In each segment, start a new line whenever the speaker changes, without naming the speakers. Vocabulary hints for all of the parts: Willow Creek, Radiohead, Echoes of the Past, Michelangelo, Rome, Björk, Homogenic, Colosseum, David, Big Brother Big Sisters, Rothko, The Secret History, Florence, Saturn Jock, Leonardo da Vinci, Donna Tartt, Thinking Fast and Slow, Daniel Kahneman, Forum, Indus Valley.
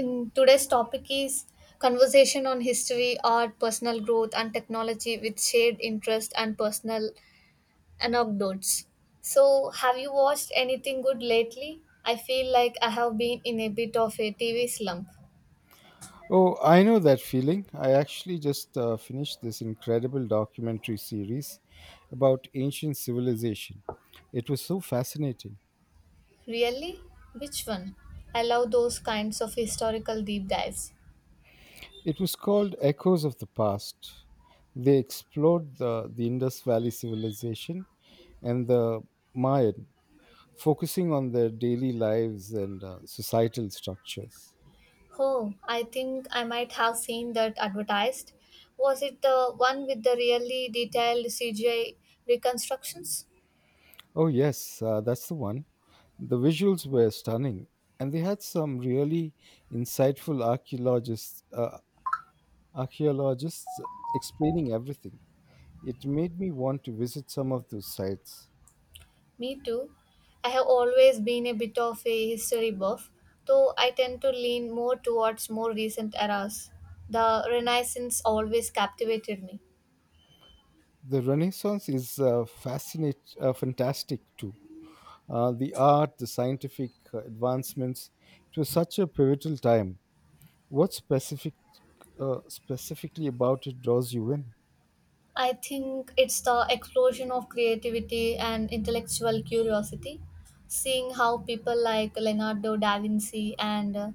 In today's topic is conversation on history, art, personal growth, and technology with shared interest and personal anecdotes. So, have you watched anything good lately? I feel like I have been in a bit of a TV slump.
Oh, I know that feeling. I actually just finished this incredible documentary series about ancient civilization. It was so fascinating.
Really? Which one? I love those kinds of historical deep dives.
It was called Echoes of the Past. They explored the Indus Valley civilization and the Mayan, focusing on their daily lives and societal structures.
Oh, I think I might have seen that advertised. Was it the one with the really detailed CGI reconstructions?
Oh, yes, that's the one. The visuals were stunning, and they had some really insightful archaeologists explaining everything. It made me want to visit some of those sites.
Me too. I have always been a bit of a history buff, though I tend to lean more towards more recent eras. The Renaissance always captivated me.
The Renaissance is fantastic too. The art, the scientific advancements. It was such a pivotal time. What specific, Specifically about it draws you in?
I think it's the explosion of creativity and intellectual curiosity. Seeing how people like Leonardo da Vinci and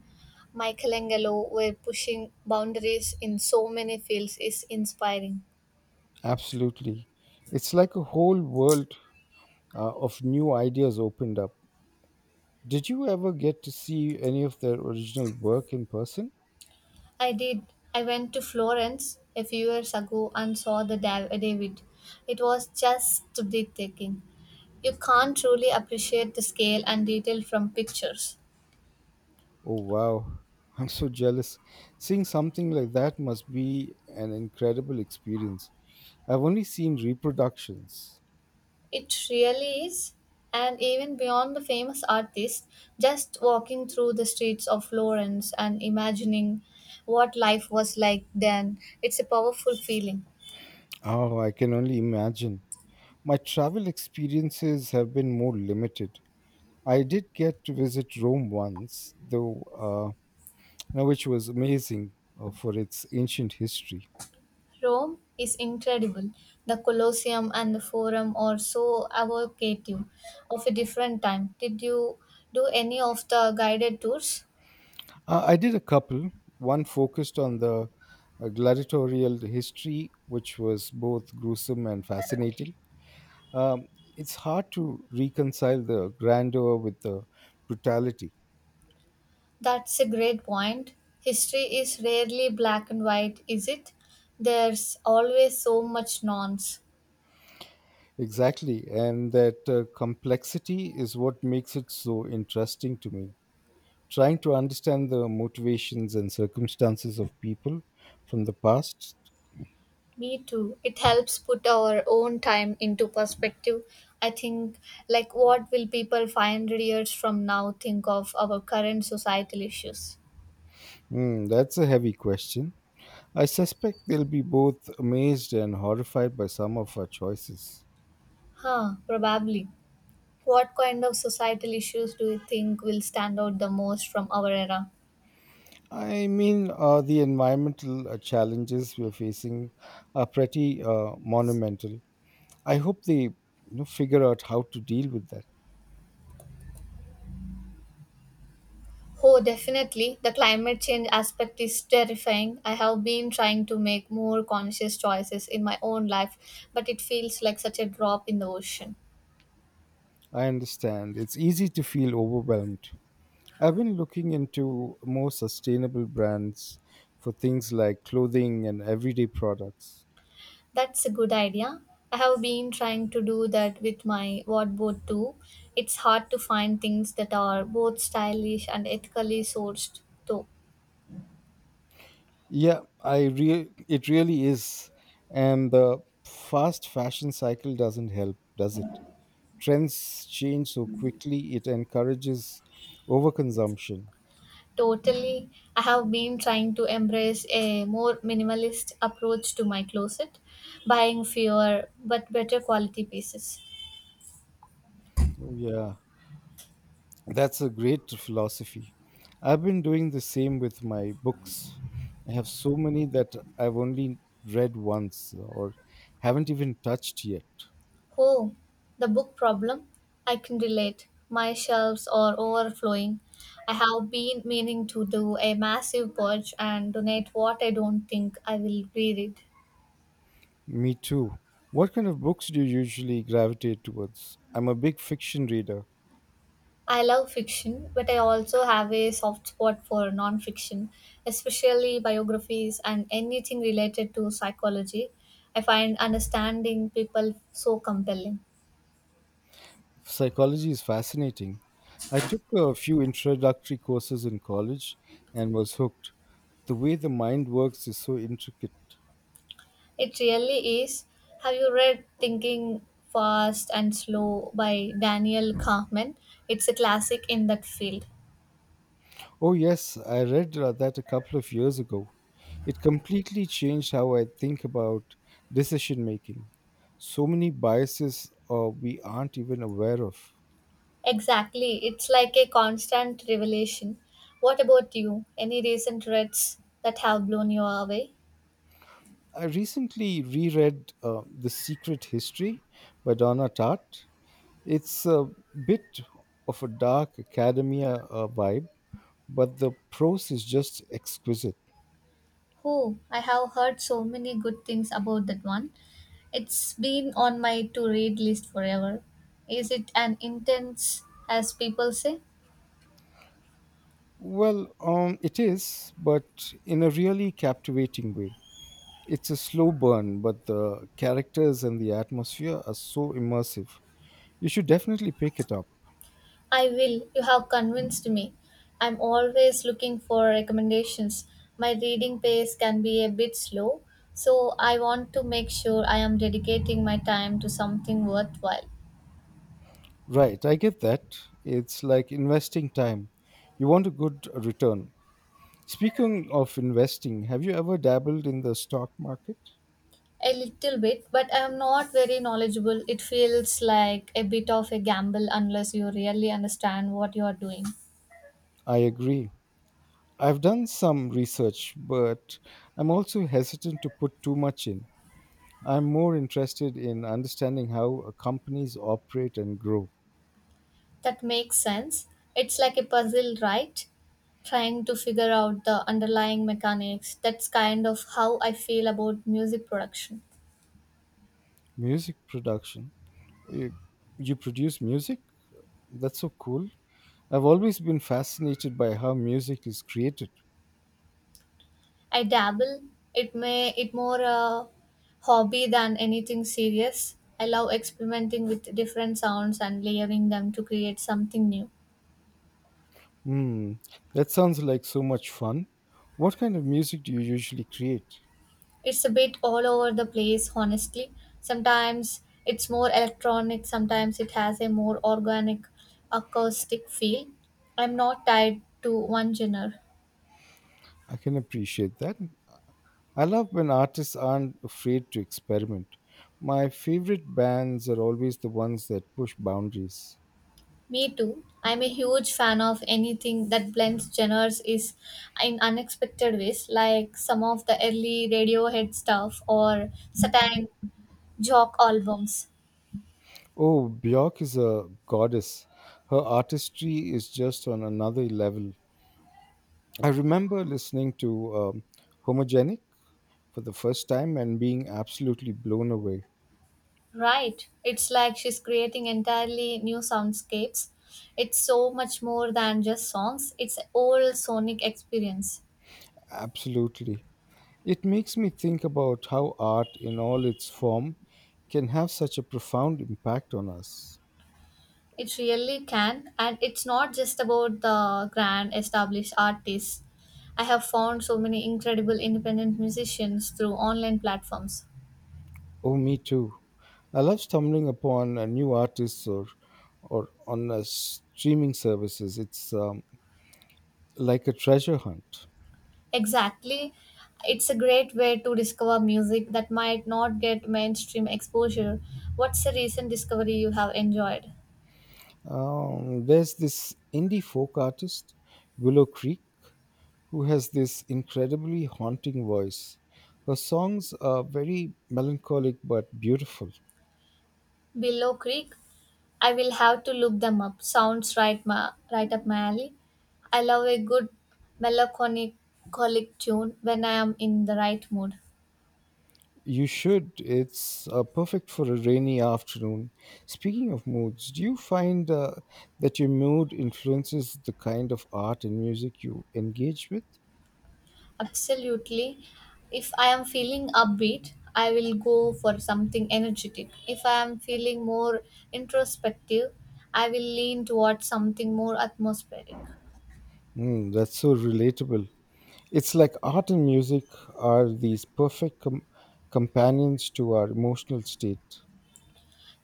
Michelangelo were pushing boundaries in so many fields is inspiring.
Absolutely, it's like a whole world of new ideas opened up. Did you ever get to see any of their original work in person?
I did. I went to Florence a few years ago and saw the David. It was just breathtaking. You can't truly appreciate the scale and detail from pictures.
Oh, wow. I'm so jealous. Seeing something like that must be an incredible experience. I've only seen reproductions.
It really is. And even beyond the famous artist, just walking through the streets of Florence and imagining what life was like then, it's a powerful feeling.
Oh, I can only imagine. My travel experiences have been more limited. I did get to visit Rome once, though, now which was amazing for its ancient history.
Rome is incredible. The Colosseum and the Forum are so evocative of a different time. Did you do any of the guided tours?
I did a couple. One focused on the gladiatorial history, which was both gruesome and fascinating. um, it's hard to reconcile the grandeur with the brutality.
That's a great point. History is rarely black and white, is it? There's always so much nuance.
Exactly, and that complexity is what makes it so interesting to me. Trying to understand the motivations and circumstances of people from the past.
Me too. It helps put our own time into perspective. I think, like, what will people 500 years from now think of our current societal issues?
Hmm, that's a heavy question. I suspect they'll be both amazed and horrified by some of our choices.
Huh, probably. What kind of societal issues do you think will stand out the most from our era?
I mean, the environmental challenges we're facing are pretty monumental. I hope they, figure out how to deal with that.
Oh, definitely. The climate change aspect is terrifying. I have been trying to make more conscious choices in my own life, but it feels like such a drop in the ocean.
I understand. It's easy to feel overwhelmed. I've been looking into more sustainable brands for things like clothing and everyday products.
That's a good idea. I have been trying to do that with my wardrobe too. It's hard to find things that are both stylish and ethically sourced, though.
Yeah, it really is. And the fast fashion cycle doesn't help, does it? Trends change so quickly, it encourages overconsumption.
Totally. I have been trying to embrace a more minimalist approach to my closet, buying fewer but better quality pieces.
Oh, yeah. That's a great philosophy. I've been doing the same with my books. I have so many that I've only read once or haven't even touched yet.
Oh, the book problem? I can relate. My shelves are overflowing. I have been meaning to do a massive purge and donate what I don't think I will reread.
Me too. What kind of books do you usually gravitate towards? I'm a big fiction reader.
I love fiction, but I also have a soft spot for non-fiction, especially biographies and anything related to psychology. I find understanding people so compelling.
Psychology is fascinating. I took a few introductory courses in college and was hooked. The way the mind works is so intricate.
It really is. Have you read Thinking Fast and Slow by Daniel Kahneman? It's a classic in that field.
Oh, yes, I read that a couple of years ago. It completely changed how I think about decision making. So many biases we aren't even aware of.
Exactly. It's like a constant revelation. What about you? Any recent reads that have blown you away?
I recently reread The Secret History by Donna Tartt. It's a bit of a dark academia vibe, but the prose is just exquisite.
Oh, I have heard so many good things about that one. It's been on my to read list forever. Is it an intense, as people say?
Well, it is, but in a really captivating way. It's a slow burn, but the characters and the atmosphere are so immersive. You should definitely pick it up.
I will. You have convinced me. I'm always looking for recommendations. My reading pace can be a bit slow, so I want to make sure I am dedicating my time to something worthwhile.
Right, I get that. It's like investing time. You want a good return. Speaking of investing, have you ever dabbled in the stock market?
A little bit, but I am not very knowledgeable. It feels like a bit of a gamble unless you really understand what you are doing.
I agree. I've done some research, but I'm also hesitant to put too much in. I'm more interested in understanding how companies operate and grow.
That makes sense. It's like a puzzle, right? Trying to figure out the underlying mechanics. That's kind of how I feel about music production.
Music production. You, you produce music? That's so cool. I've always been fascinated by how music is created.
I dabble. It may it more a hobby than anything serious. I love experimenting with different sounds and layering them to create something new.
Hmm, that sounds like so much fun. What kind of music do you usually create?
It's a bit all over the place, honestly. Sometimes it's more electronic, sometimes it has a more organic acoustic feel. I'm not tied to one genre.
I can appreciate that. I love when artists aren't afraid to experiment. My favorite bands are always the ones that push boundaries.
Me too. I'm a huge fan of anything that blends genres is in unexpected ways, like some of the early Radiohead stuff or Saturn Jock albums.
Oh, Björk is a goddess. Her artistry is just on another level. I remember listening to Homogenic for the first time and being absolutely blown away.
Right. It's like she's creating entirely new soundscapes. It's so much more than just songs. It's a whole sonic experience.
Absolutely. It makes me think about how art in all its form can have such a profound impact on us.
It really can, and it's not just about the grand established artists. I have found so many incredible independent musicians through online platforms.
Oh, me too. I love stumbling upon a new artist or on a streaming services. It's like a treasure hunt.
Exactly. It's a great way to discover music that might not get mainstream exposure. What's the recent discovery you have enjoyed?
There's this indie folk artist, Willow Creek, who has this incredibly haunting voice. Her songs are very melancholic but beautiful.
Willow Creek. I will have to look them up. Sounds right, right up my alley. I love a good melancholic colic tune when I am in the right mood.
You should. It's perfect for a rainy afternoon. Speaking of moods, do you find that your mood influences the kind of art and music you engage with?
Absolutely. If I am feeling upbeat, I will go for something energetic. If I am feeling more introspective, I will lean towards something more atmospheric.
Mm, that's so relatable. It's like art and music are these perfect companions to our emotional state.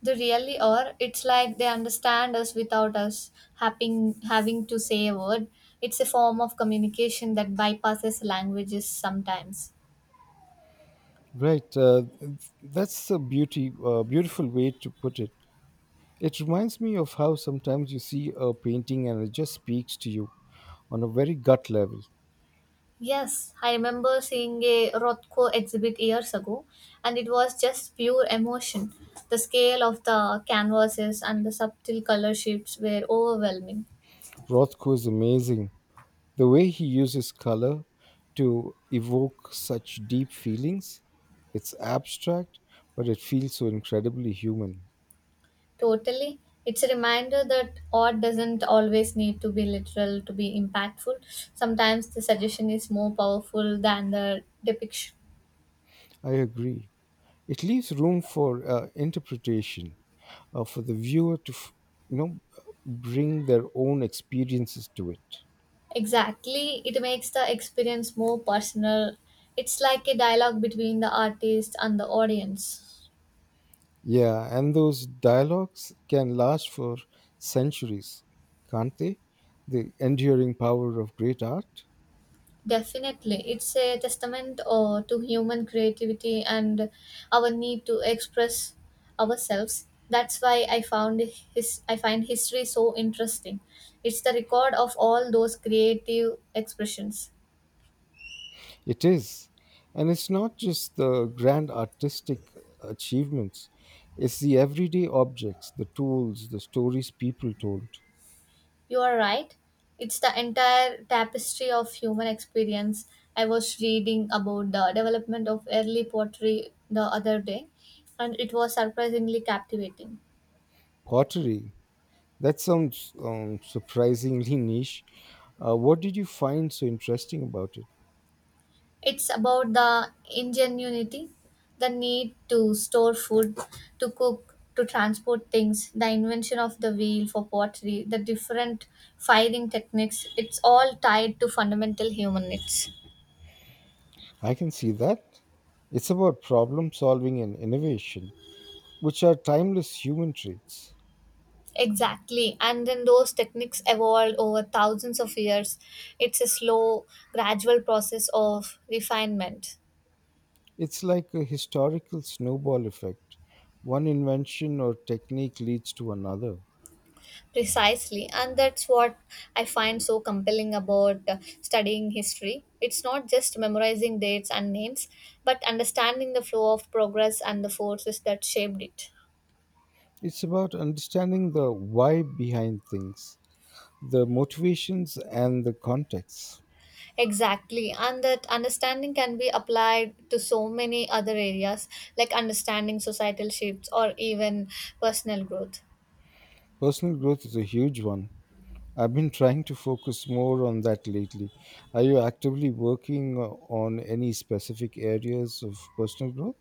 They really are. It's like they understand us without us having to say a word. It's a form of communication that bypasses languages sometimes.
Right. That's a beautiful way to put it. It reminds me of how sometimes you see a painting and it just speaks to you on a very gut level.
Yes, I remember seeing a Rothko exhibit years ago, and it was just pure emotion. The scale of the canvases and the subtle color shifts were overwhelming.
Rothko is amazing. The way he uses color to evoke such deep feelings, it's abstract, but it feels so incredibly human.
Totally. It's a reminder that art doesn't always need to be literal to be impactful. Sometimes the suggestion is more powerful than the depiction.
I agree. It leaves room for interpretation, for the viewer to, you know, bring their own experiences to it.
Exactly. It makes the experience more personal. It's like a dialogue between the artist and the audience.
Yeah, and those dialogues can last for centuries, can't they? The enduring power of great art.
Definitely, it's a testament to human creativity and our need to express ourselves. That's why I find history so interesting. It's the record of all those creative expressions.
It is. And it's not just the grand artistic achievements, it's the everyday objects, the tools, the stories people told.
You are right. It's the entire tapestry of human experience. I was reading about the development of early pottery the other day, and it was surprisingly captivating.
Pottery. That sounds surprisingly niche. What did you find so interesting about it?
It's about the ingenuity, the need to store food, to cook, to transport things, the invention of the wheel for pottery, the different firing techniques. It's all tied to fundamental human needs.
I can see that. It's about problem solving and innovation, which are timeless human traits.
Exactly. And then those techniques evolved over thousands of years. It's a slow, gradual process of refinement.
It's like a historical snowball effect. One invention or technique leads to another.
Precisely, and that's what I find so compelling about studying history. It's not just memorizing dates and names, but understanding the flow of progress and the forces that shaped it.
It's about understanding the why behind things, the motivations, and the context.
Exactly, and that understanding can be applied to so many other areas like understanding societal shifts or even personal growth.
Personal growth is a huge one. I've been trying to focus more on that lately. Are you actively working on any specific areas of personal growth?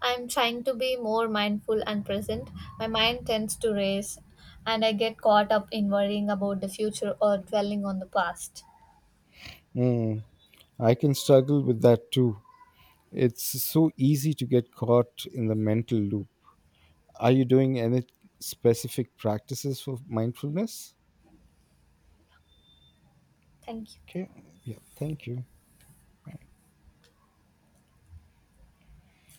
I'm trying to be more mindful and present. My mind tends to race, and I get caught up in worrying about the future or dwelling on the past.
Hmm, I can struggle with that too. It's so easy to get caught in the mental loop. Are you doing any specific practices for mindfulness?
Thank you.
Okay, yeah, thank you. Bye.